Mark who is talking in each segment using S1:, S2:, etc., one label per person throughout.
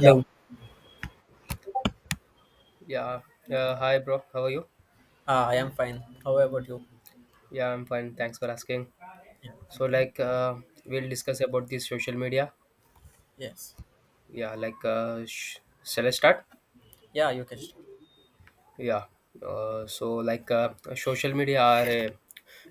S1: Yeah, yeah. Hi, bro. How are you?
S2: Ah, I am fine. How about you?
S1: Yeah, I'm fine. Thanks for asking.
S2: Yeah.
S1: So, like, we'll discuss about the social media.
S2: Yes.
S1: Yeah, like, shall I start?
S2: Yeah, you can start.
S1: Yeah. So, like, social media are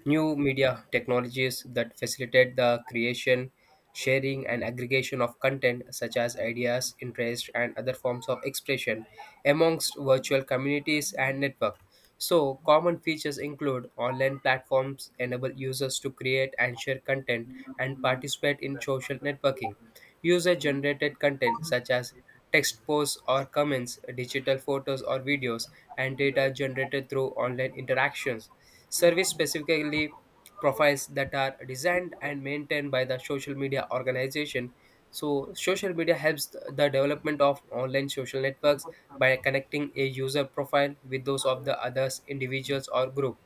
S1: new media technologies that facilitate the creation, sharing, and aggregation of content such as ideas, interest, and other forms of expression amongst virtual communities and network. So, common features include online platforms enable users to create and share content and participate in social networking. User generated content such as text posts or comments, digital photos or videos, and data generated through online interactions. Service specifically profiles that are designed and maintained by the social media organization. So, social media helps the development of online social networks by connecting a user profile with those of the others individuals or group.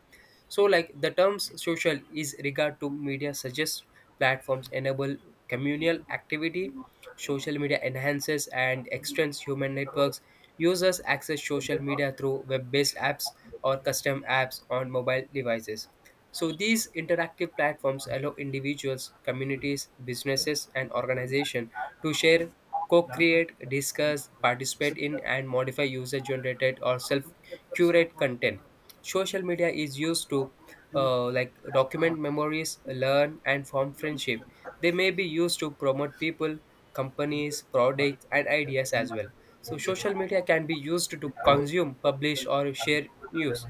S1: So, like, the terms social is regard to media suggests platforms enable communal activity. Social media enhances and extends human networks. Users access social media through web based apps or custom apps on mobile devices. So, these interactive platforms allow individuals, communities, businesses, and organizations to share, co create, discuss, participate in, and modify user generated or self curate content. Social media is used to like document memories, learn, and form friendship. They may be used to promote people, companies, products, and ideas as well. So social media can be used to consume, publish, or share news.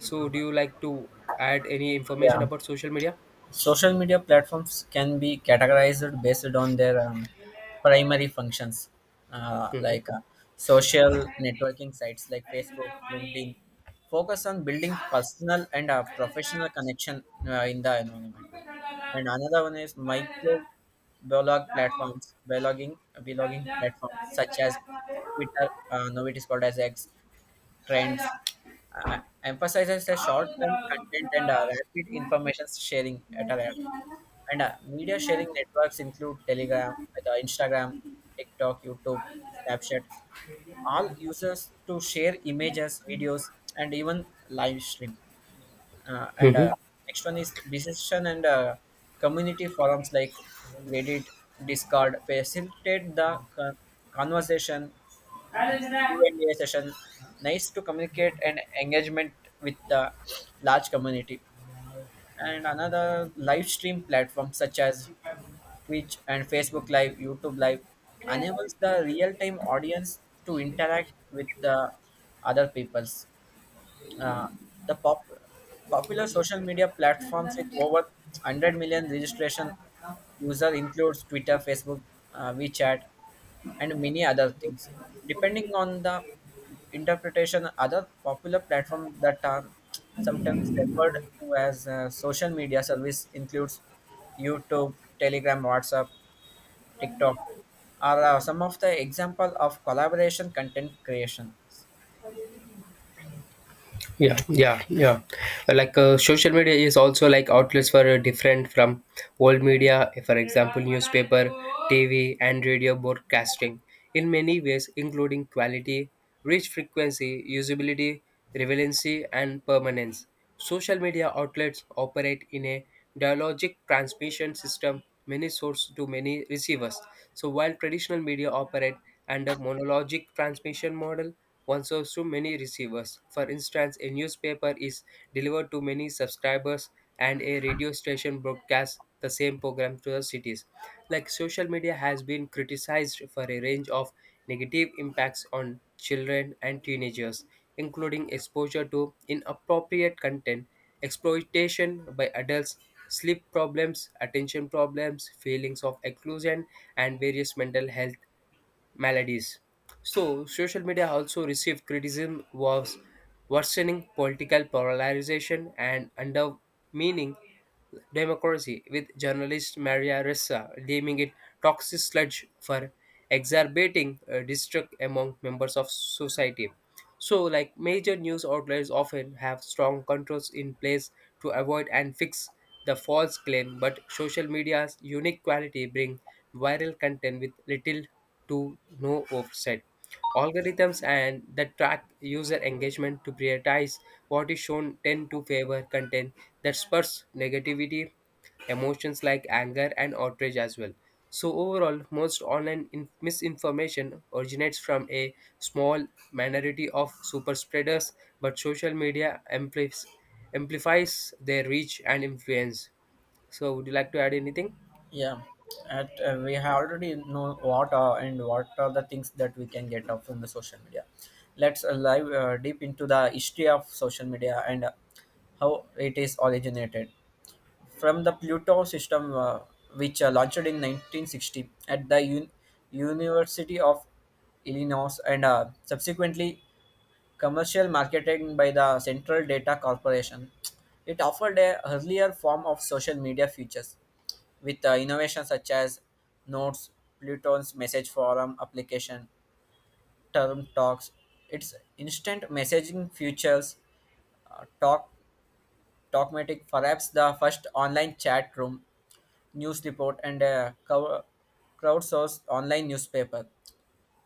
S1: So do you like to add any information
S2: Yeah.
S1: about social media?
S2: Social media platforms can be categorized based on their primary functions, uh,
S1: Hmm.
S2: like uh, social networking sites like Facebook, LinkedIn, focus on building personal and professional connection in the environment. And another one is microblog platforms, blogging platforms such as Twitter, now it is called as X, Trends, emphasizes a short-term content and rapid information sharing at a rate. And media sharing networks include Telegram, Instagram, TikTok, YouTube, Snapchat. All users to share images, videos, and even live stream
S1: Hı
S2: and
S1: hı.
S2: Next one is decision and community forums like reddit, discord facilitate the con- conversation,
S1: Kardeşine,
S2: q&a session, nice to communicate and engagement with the large community, and another live stream platform such as twitch and facebook live, youtube live
S1: e,
S2: enables the real-time audience to interact with the other peoples. uh, the popular social media platforms with over 100 million registration user includes Twitter, Facebook, WeChat, and many other things. Depending on the interpretation, other popular platforms that are sometimes referred to as social media service includes YouTube, Telegram, WhatsApp, TikTok, are some of the example of collaboration content creations.
S1: yeah, yeah, yeah, like, social media is also like outlets for different from old media, for example, newspaper, TV, and radio broadcasting, in many ways, including quality, reach, frequency, usability, relevancy, and permanence. Social media outlets operate in a dialogic transmission system, many sources to many receivers. So while traditional media operate under monologic transmission model, one serves to many receivers. For instance, a newspaper is delivered to many subscribers, and a radio station broadcasts the same program to the cities. Like social media has been criticized for a range of negative impacts on children and teenagers, including exposure to inappropriate content, exploitation by adults, sleep problems, attention problems, feelings of exclusion, and various mental health maladies. So, social media also received criticism was worsening political polarization and undermining democracy, with journalist Maria Ressa deeming it toxic sludge for exacerbating distrust among members of society. So, like, major news outlets often have strong controls in place to avoid and fix the false claim, but social media's unique quality bring viral content with little to no offset. Algorithms and that track user engagement to prioritize what is shown tend to favor content that spurs negativity emotions like anger and outrage as well. So, overall, most online misinformation originates from a small minority of super spreaders, but social media amplis- amplifies their reach and influence. So, would you like to add anything?
S2: Yeah, at we have already know what are and what are the things that we can get off from the social media. Let's dive deep into the history of social media and how it is originated from the Pluto system, which launched in 1960 at the University of Illinois and subsequently commercial marketing by the Central Data Corporation. It offered a earlier form of social media features with innovations such as notes, Pluton's message forum application, term talks, its instant messaging features, uh, talk Talkmatic, perhaps the first online chat room, news report, and a crowdsourced online newspaper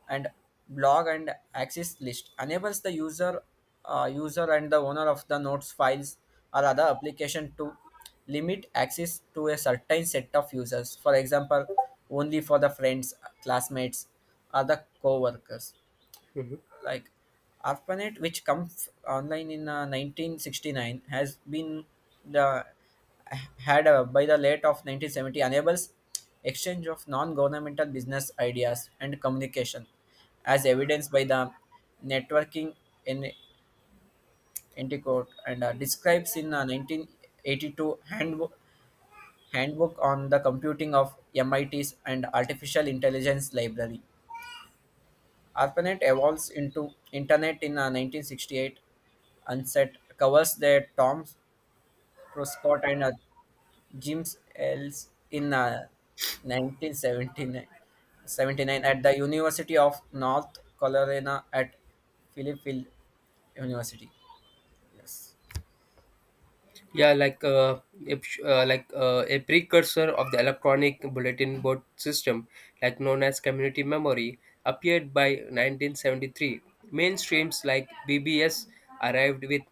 S2: and blog and access list enables the user and the owner of the notes files or other application to limit access to a certain set of users. For example, only for the friends, classmates, or the co-workers, like ARPANET, which comes online in 1969, has been the had, by the late of 1970 enables exchange of non-governmental business ideas and communication, as evidenced by the networking in Antiquote and describes in 1982 handbook on the computing of MIT's and artificial intelligence library. ARPANET evolves into Internet in 1968, and set covers the Tom Truscott and Jim Ells in 1979 at the University of North Carolina at Philippill University. Yes.
S1: yeah like uh, a, uh, like uh, a precursor of the electronic bulletin board system, like known as community memory, appeared by 1973. Mainstreams like bbs arrived with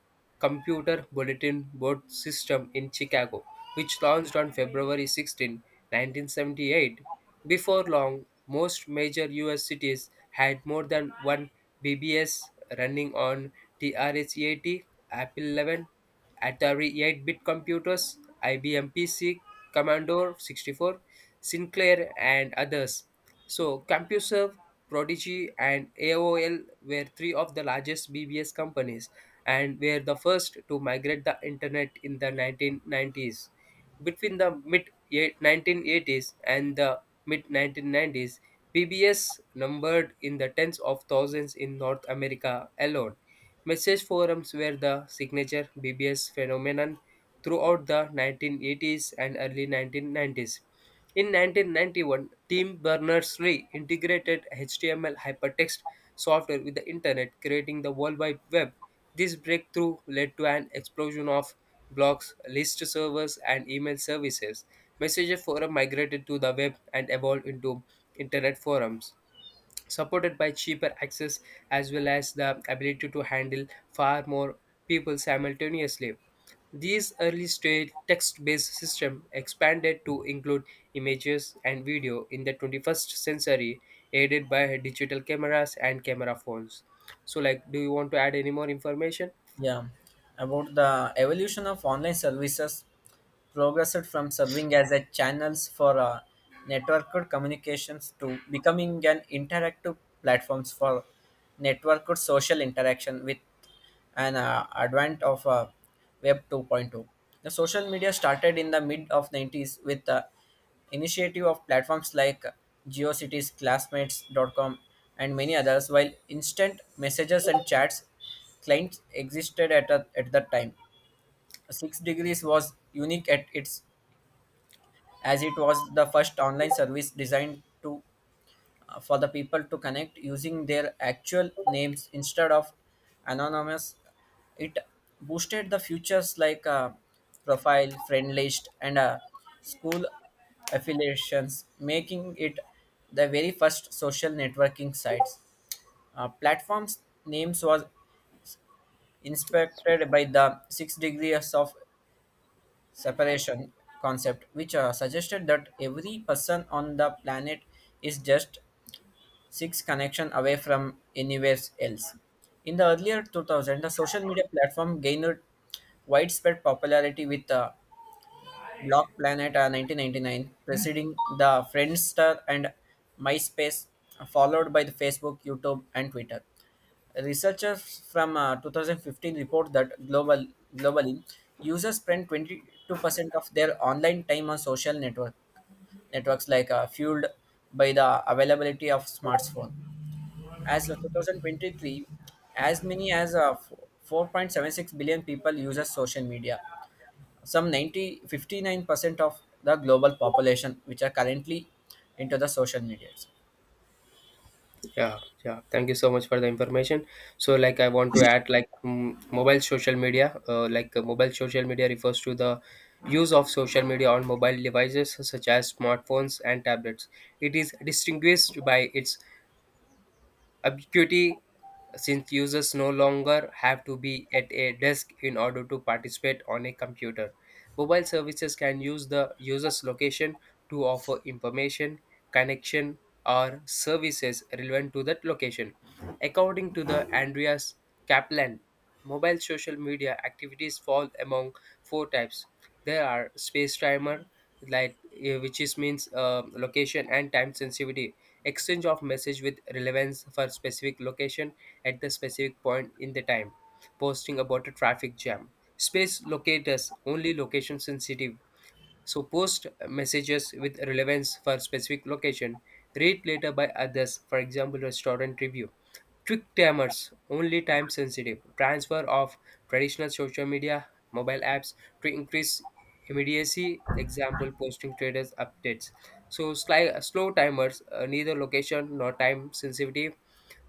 S1: computer bulletin board system in Chicago, which launched on February 16 1978. Before long, most major us cities had more than one bbs running on 80 apple 11, Atari 8-bit computers, IBM PC, Commodore 64, Sinclair, and others. So CompuServe, Prodigy, and AOL were three of the largest BBS companies and were the first to migrate the internet in the 1990s. Between the mid 1980s and the mid 1990s, PBS numbered in the tens of thousands in North America alone. Message forums were the signature BBS phenomenon throughout the 1980s and early 1990s. In 1991, Tim Berners-Lee integrated HTML hypertext software with the internet, creating the World Wide Web. This breakthrough led to an explosion of blogs, list servers, and email services. Messenger forum migrated to the web and evolved into internet forums supported by cheaper access as well as the ability to handle far more people simultaneously. These early stage text-based system expanded to include images and video in the 21st century, aided by digital cameras and camera phones. So, like, do you want to add any more information?
S2: Yeah. About the evolution of online services progressed from serving as a channels for networked communications to becoming an interactive platforms for networked social interaction with an advent of web 2.2. The social media started in the mid of 90s with the initiative of platforms like geocities, classmates.com, and many others. While instant messages and chats clients existed at that time, six degrees was unique at its, as it was the first online service designed to for the people to connect using their actual names instead of anonymous. It boosted the features like profile, friend list, and school affiliations, making it the very first social networking sites platforms. Names was inspected by the six degrees of separation concept, which suggested that every person on the planet is just six connection away from anywhere else. In the earlier 2000, the social media platform gained widespread popularity with Block Planet 1999, preceding the Friendster and MySpace, followed by the Facebook, YouTube, and Twitter. Researchers from 2015 report that globally users spend 22% of their online time on social networks, fueled by the availability of smartphone. As of 2023, as many as 4.76 billion people uses social media. Some ninety fifty nine percent of the global population which are currently into the social media.
S1: Yeah, yeah. Thank you so much for the information. So, like, I want to add, like, mobile social media. Like, mobile social media refers to the use of social media on mobile devices such as smartphones and tablets. It is distinguished by its ubiquity, since users no longer have to be at a desk in order to participate on a computer. Mobile services can use the user's location to offer information, connection, or services relevant to that location. According to the Andreas Kaplan, mobile social media activities fall among four types. There are space timer, like, which is means location and time sensitivity exchange of message with relevance for specific location at the specific point in the time, posting about a traffic jam. Space locators, only location sensitive, so post messages with relevance for specific location. Read later by others, for example, restaurant review. Quick timers, only time sensitive. Transfer of traditional social media, mobile apps to increase immediacy. Example, posting traders updates. So slow timers, neither location nor time sensitive.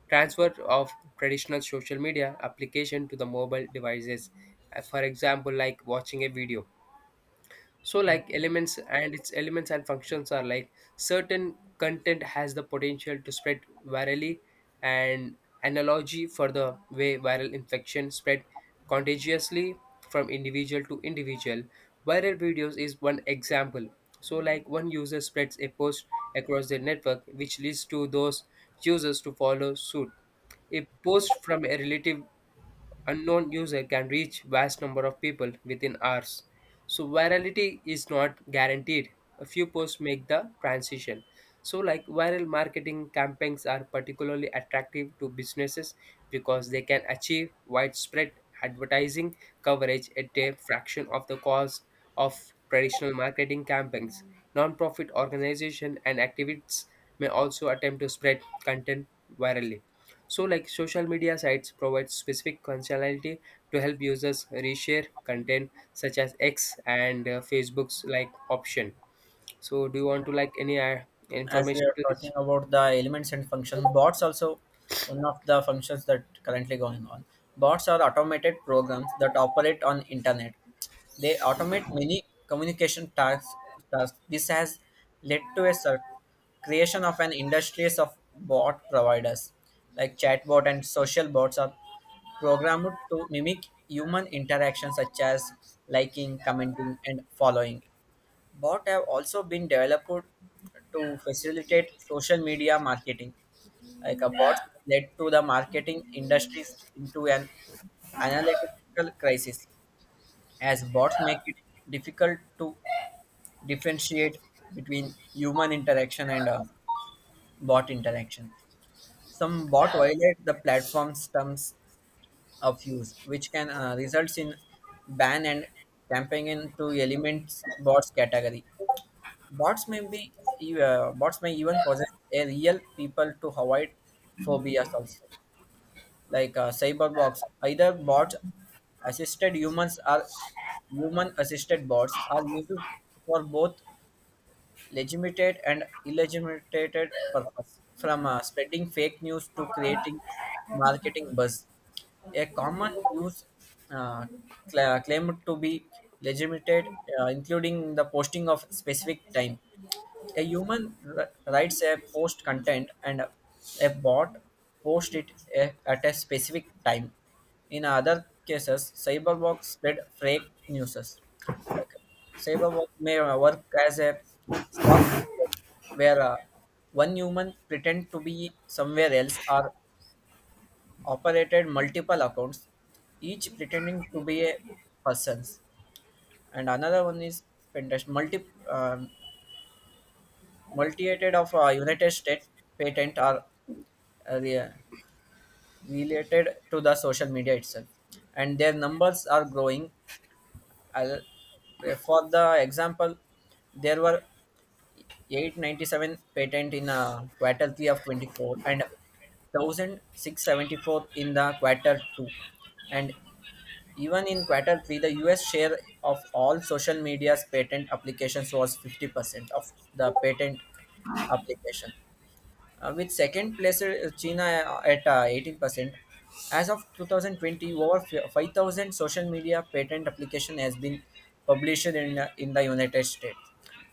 S1: Transfer of traditional social media application to the mobile devices. For example, like watching a video. So, like, elements and its elements and functions are, like, certain content has the potential to spread virally and analogy for the way viral infection spread contagiously from individual to individual. Viral videos is one example. So, like, one user spreads a post across their network which leads to those users to follow suit. A post from a relative unknown user can reach vast number of people within hours. So virality is not guaranteed. A few posts make the transition. So, like, viral marketing campaigns are particularly attractive to businesses because they can achieve widespread advertising coverage at a fraction of the cost of traditional marketing campaigns. Nonprofit organizations and activists may also attempt to spread content virally. So, like, social media sites provide specific functionality to help users reshare content such as X and Facebook's like option. So, do you want to like any
S2: As we
S1: information
S2: are
S1: to this?
S2: talking about the elements and functions, bots also one of the functions that currently going on. Bots are automated programs that operate on internet. They automate many communication tasks. This has led to a creation of an industries of bot providers, like chatbot and social bots are programmed to mimic human interactions such as liking, commenting, and following. Bots have also been developed to facilitate social media marketing. Like a bots led to the marketing industries into an analytical crisis, as bots make it difficult to differentiate between human interaction and bot interaction. Some bot violate the platform's terms of use, which can result in ban and campaign into elements bots category. Bots may be Bots may even possess a real people to avoid phobias also, like cyberbots. Either bots assisted humans or human assisted bots are used for both legitimate and illegitimate purpose, from spreading fake news to creating marketing buzz. A common use uh, claimed to be legitimate, including the posting of specific time, a human writes a post content and a bot posts at a specific time. In other cases, cyberbots spread fake news. Like, cyberbot may work as a stock market where one human pretend to be somewhere else or operated multiple accounts, each pretending to be a person's. And another one is Pinterest. Multitude of United States patent are uh, re- related to the social media itself, and their numbers are growing. I'll, for the example, there were 897 patent in quarter three of 24 and 1674 in the quarter two, and even in quarter three, the U.S. share of all social media's patent applications was 50% of the patent application, with second place China at 18%. As of 2020, over 5,000 social media patent application has been published in the United States.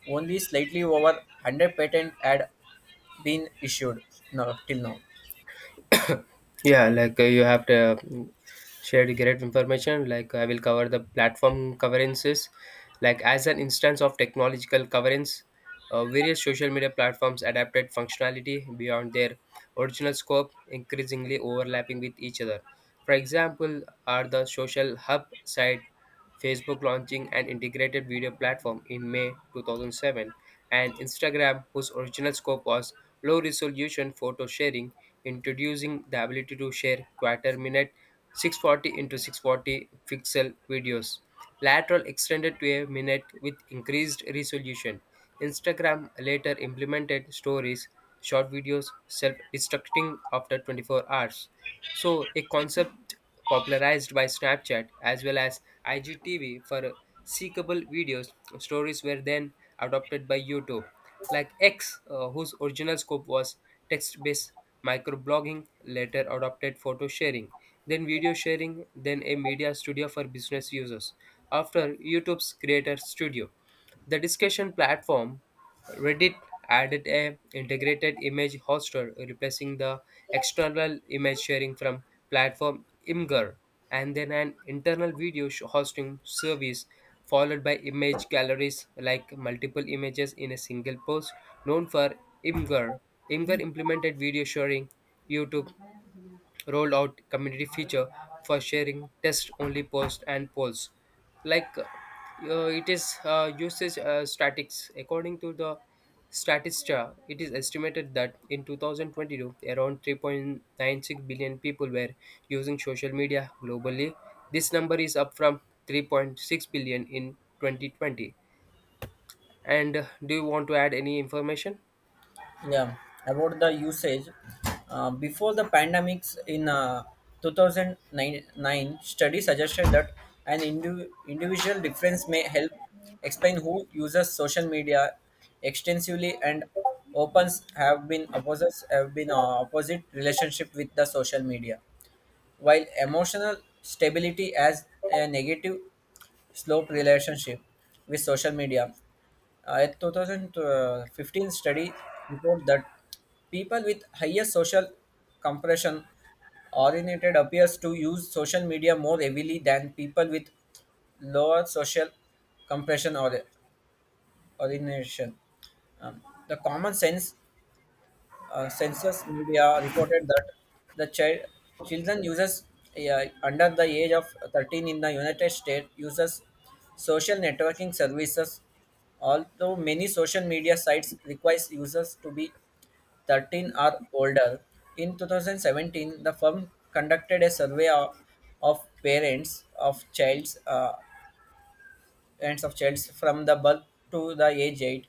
S2: Only slightly over 100 patent had been issued now, till now.
S1: Yeah, like, you have to shared great information. Like, I will cover the platform coverances. Like, as an instance of technological coverance, various social media platforms adapted functionality beyond their original scope, increasingly overlapping with each other. For example, are the social hub site Facebook launching an integrated video platform in May 2007 and Instagram, whose original scope was low resolution photo sharing, introducing the ability to share quarter minute 640 into 640 pixel videos. Lateral extended to a minute with increased resolution. Instagram later implemented stories, short videos, self destructing after 24 hours. So, a concept popularized by Snapchat as well as IGTV for seekable videos, stories were then adopted by YouTube, like X, whose original scope was text based microblogging, later adopted photo sharing, then video sharing, then a media studio for business users. After YouTube's Creator Studio. The discussion platform Reddit added a integrated image hoster, replacing the external image sharing from platform Imgur, and then an internal video hosting service, followed by image galleries like multiple images in a single post, known for Imgur. Imgur implemented video sharing, YouTube rolled out community feature for sharing test only posts and polls. Like, it is, usage, statics according to the Statista, it is estimated that in 2022 around 3.96 billion people were using social media globally. This number is up from 3.6 billion in 2020. And do you want to add any information?
S2: Yeah, about the usage, before the pandemics in 2009 study suggested that an individual difference may help explain who uses social media extensively, and opens have been opposite relationship with the social media, while emotional stability has a negative slope relationship with social media. A 2015 study report that people with higher social compression oriented appears to use social media more heavily than people with lower social compression or orientation. Um, the common sense census media reported that the children users under the age of 13 in the united states uses social networking services, although many social media sites requires users to be 13 or older. In 2017, the firm conducted a survey of parents of childs hands of children from the birth to the age 8,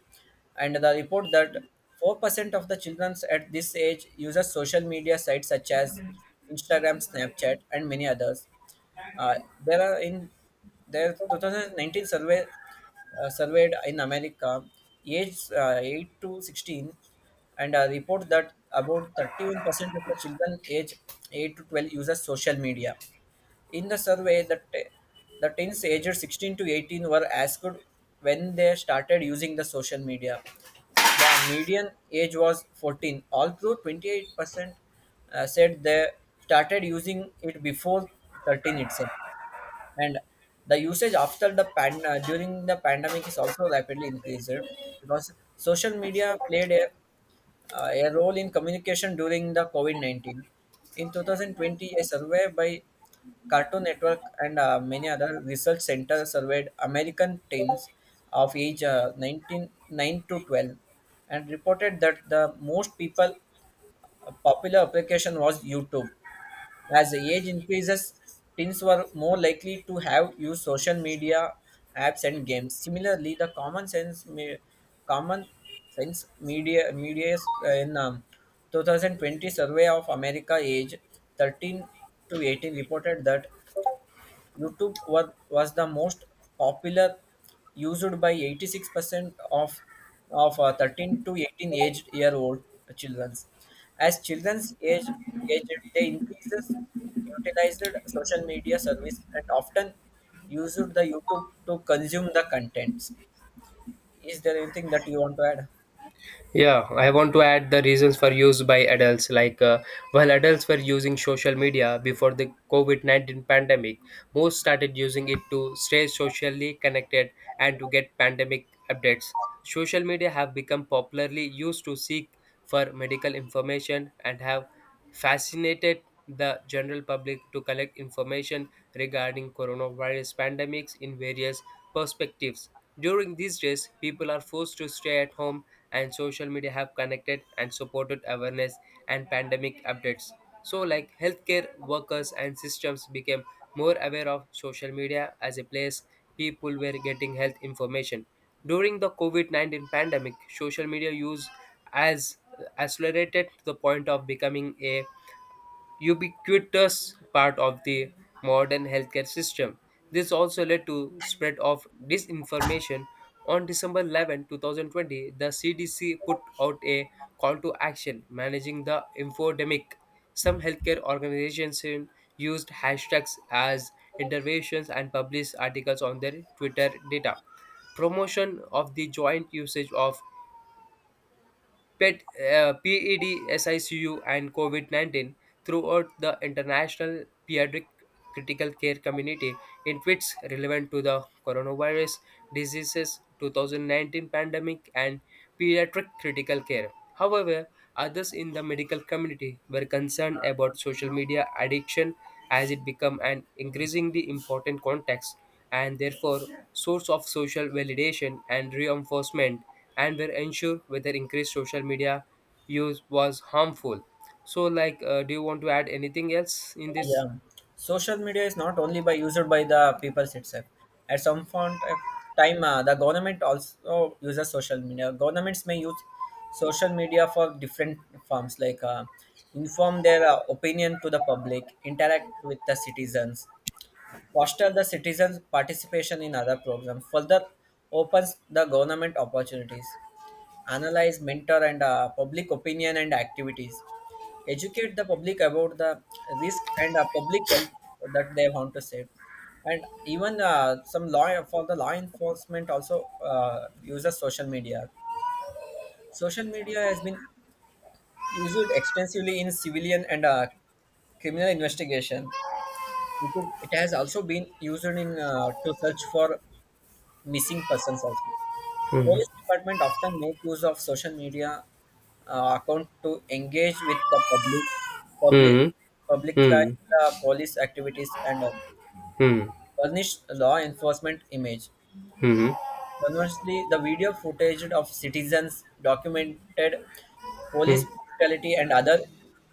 S2: and the report that 4% of the children at this age uses social media sites such as instagram, snapchat, and many others. uh, there are in their 2019 survey, surveyed in America, aged 8 to 16, and report that about 31% of the children aged 8 to 12 uses social media. In the survey, the teens aged 16 to 18 were asked when they started using the social media. The median age was 14, although 28% said they started using it before 13 itself. And the usage after the pan during the pandemic is also rapidly increased, because social media played a role in communication during the covid-19. In 2020, a survey by cartoon network and many other research centers surveyed american teens of age, 19 9 to 12, and reported that the most people popular application was youtube. As the age increases, teens were more likely to have used social media apps and games. Similarly, the common sense media media is, in 2020 survey of America age 13 to 18 reported that YouTube was the most popular, used by 86% of 13 to 18 aged year old children. As children's age they increases utilized social media service and often used the YouTube to consume the contents. Is there anything that you want to add?
S1: Yeah, I want to add the reasons for use by adults. Like, while adults were using social media before the COVID 19 pandemic, most started using it to stay socially connected and to get pandemic updates. Social media have become popularly used to seek for medical information and have fascinated the general public to collect information regarding coronavirus pandemics in various perspectives. During these days, people are forced to stay at home and social media have connected and supported awareness and pandemic updates. So, like, healthcare workers and systems became more aware of social media as a place people were getting health information. During the COVID 19 pandemic, social media use has accelerated to the point of becoming a ubiquitous part of the modern healthcare system. This also led to spread of disinformation. On December 11, 2020, the CDC put out a call to action managing the infodemic. Some healthcare organizations used hashtags as interventions and published articles on their Twitter data. Promotion of the joint usage of PET, PEDSICU and COVID 19 throughout the international pediatric critical care community in tweets relevant to the coronavirus diseases 2019 pandemic and pediatric critical care. However, others in the medical community were concerned about social media addiction as it became an increasingly important context and therefore source of social validation and reinforcement and were unsure whether increased social media use was harmful. So, like, do you want to add anything else in this?
S2: Yeah, social media is not only by used by the people itself. At some point of time, the government also uses social media. Governments may use social media for different forms, like inform their opinion to the public, interact with the citizens, foster the citizens' participation in other programs. Further, opens the government opportunities analyze, mentor, and public opinion and activities. Educate the public about the risk and public health that they want to save. And even some law for the law enforcement also uses social media. Social media has been used extensively in civilian and criminal investigation. It has also been used in to search for missing persons also.
S1: Hmm.
S2: Police department often make use of social media account to engage with the public,
S1: Hmm.
S2: publicize
S1: Hmm.
S2: the police activities and
S1: Hmm. Hmm.
S2: burnish law enforcement image.
S1: Hmm.
S2: Conversely, the video footage of citizens documented police brutality and other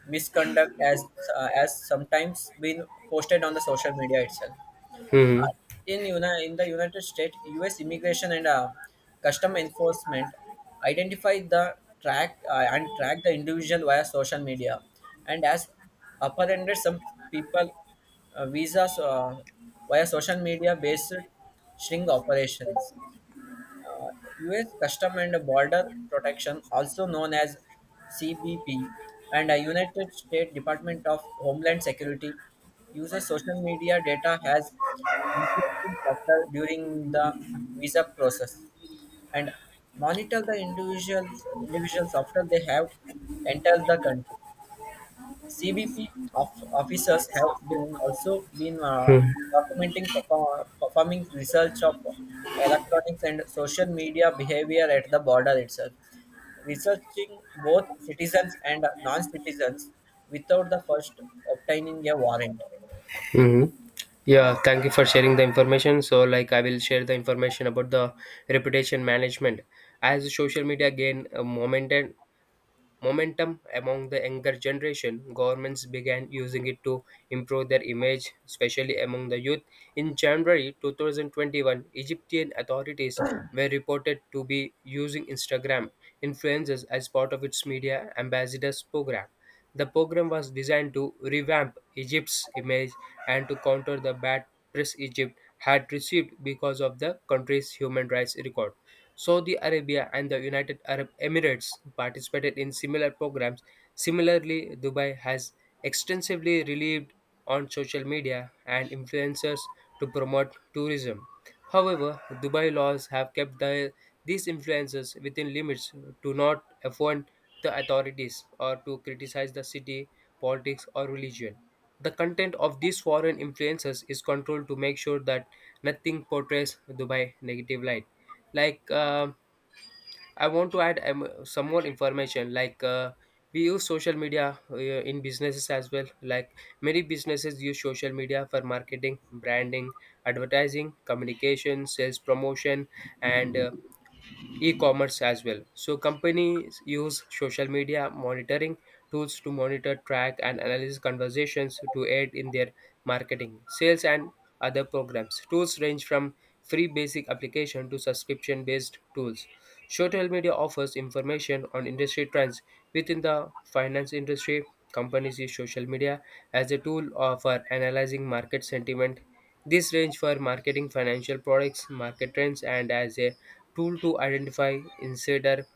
S2: misconduct, as sometimes been posted on the social media itself.
S1: Hmm.
S2: In in the United States, U.S. Immigration and Custom Enforcement identify the track the individual via social media, and as apprehended some people visas via social media based string operations. U.S. Custom and Border Protection, also known as CBP, and a United States Department of Homeland Security uses social media data as influencing factor during the visa process and monitor the individuals after they have entered the country. CBP of officers have been also been
S1: Hmm.
S2: documenting, performing research of electronics and social media behavior at the border itself, researching both citizens and non-citizens without the first obtaining a warrant.
S1: Hmm.
S2: Uh,
S1: Yeah, thank you for sharing the information. So, like, I will share the information about the reputation management. As social media gain a momentum among the younger generation, governments began using it to improve their image, especially among the youth. In January 2021, Egyptian authorities were reported to be using Instagram influencers as part of its media ambassadors program. The program was designed to revamp Egypt's image and to counter the bad press Egypt had received because of the country's human rights record. Saudi Arabia and the United Arab Emirates participated in similar programs. Similarly, Dubai has extensively relied on social media and influencers to promote tourism. However, Dubai laws have kept these influencers within limits to not offend the authorities or to criticize the city, politics, or religion. The content of these foreign influencers is controlled to make sure that nothing portrays Dubai negative light. Like, I want to add, some more information. Like, we use social media in businesses as well. Like, many businesses use social media for marketing, branding, advertising, communication, sales promotion, and e-commerce as well. So companies use social media monitoring tools to monitor, track, and analyze conversations to aid in their marketing, sales, and other programs. Tools range from free basic application to subscription-based tools. Social media offers information on industry trends within the finance industry. Companies use social media as a tool for analyzing market sentiment. This range for marketing financial products, market trends, and as a tool to identify insider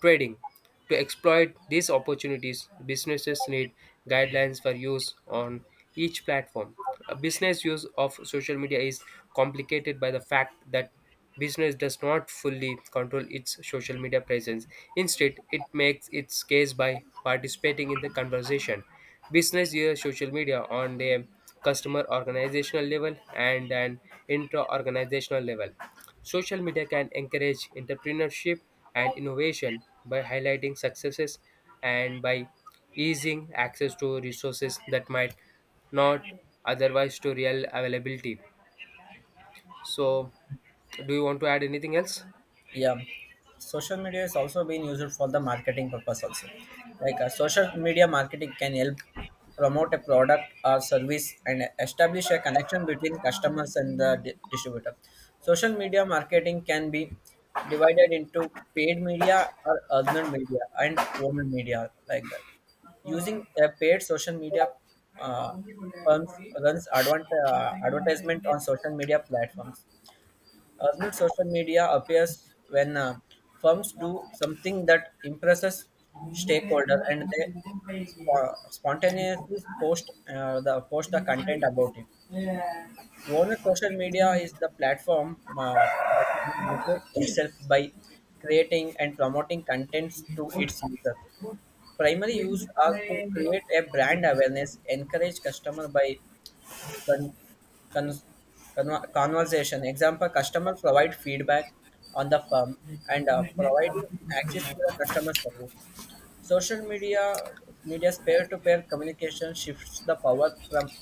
S1: trading. To exploit these opportunities, businesses need guidelines for use on each platform. A business use of social media is complicated by the fact that business does not fully control its social media presence. Instead, it makes its case by participating in the conversation. Business use social media on their customer organizational level and an intra organizational level. Social media can encourage entrepreneurship and innovation by highlighting successes and by easing access to resources that might not otherwise to real availability. So, do you want to add anything else?
S2: yeah, social media is also being used for the marketing purpose also. Like, social media marketing can help promote a product or service and establish a connection between customers and the distributor. Social media marketing can be divided into paid media or earned media and owned media, like that. Using a paid social media, uh, firms runs advertisement on social media platforms. As not social media appears when firms do something that impresses stakeholder and they spontaneously post, the content about it. Owner social media is the platform that markets itself by creating and promoting contents to its users. Primary use are to create a brand awareness, encourage customer by Con- con- conversation. Example, customer provide feedback on the firm and providing access to the customer service. Social media's peer-to-peer communication shifts the power from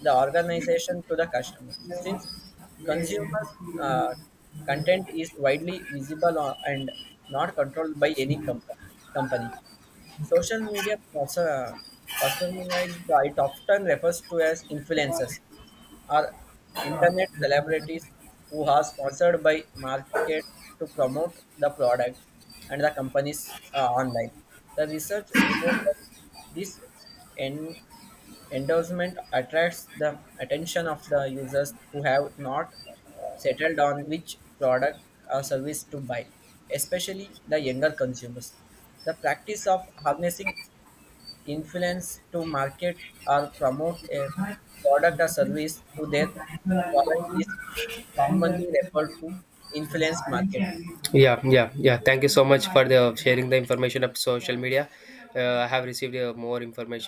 S2: the organization to the customer. Since consumer uh, content is widely visible and not controlled by any company. Social media personalized it often refers to as influencers or internet celebrities who are sponsored by markets to promote the products and the companies online. The research report that this en- endorsement attracts the attention of the users who have not settled on which product or service to buy, especially the younger consumers. The practice of harnessing influence to market or promote a product or service to their following is commonly referred to influence marketing.
S1: Yeah, yeah, yeah, thank you so much for the sharing the information of social media. I have received more information.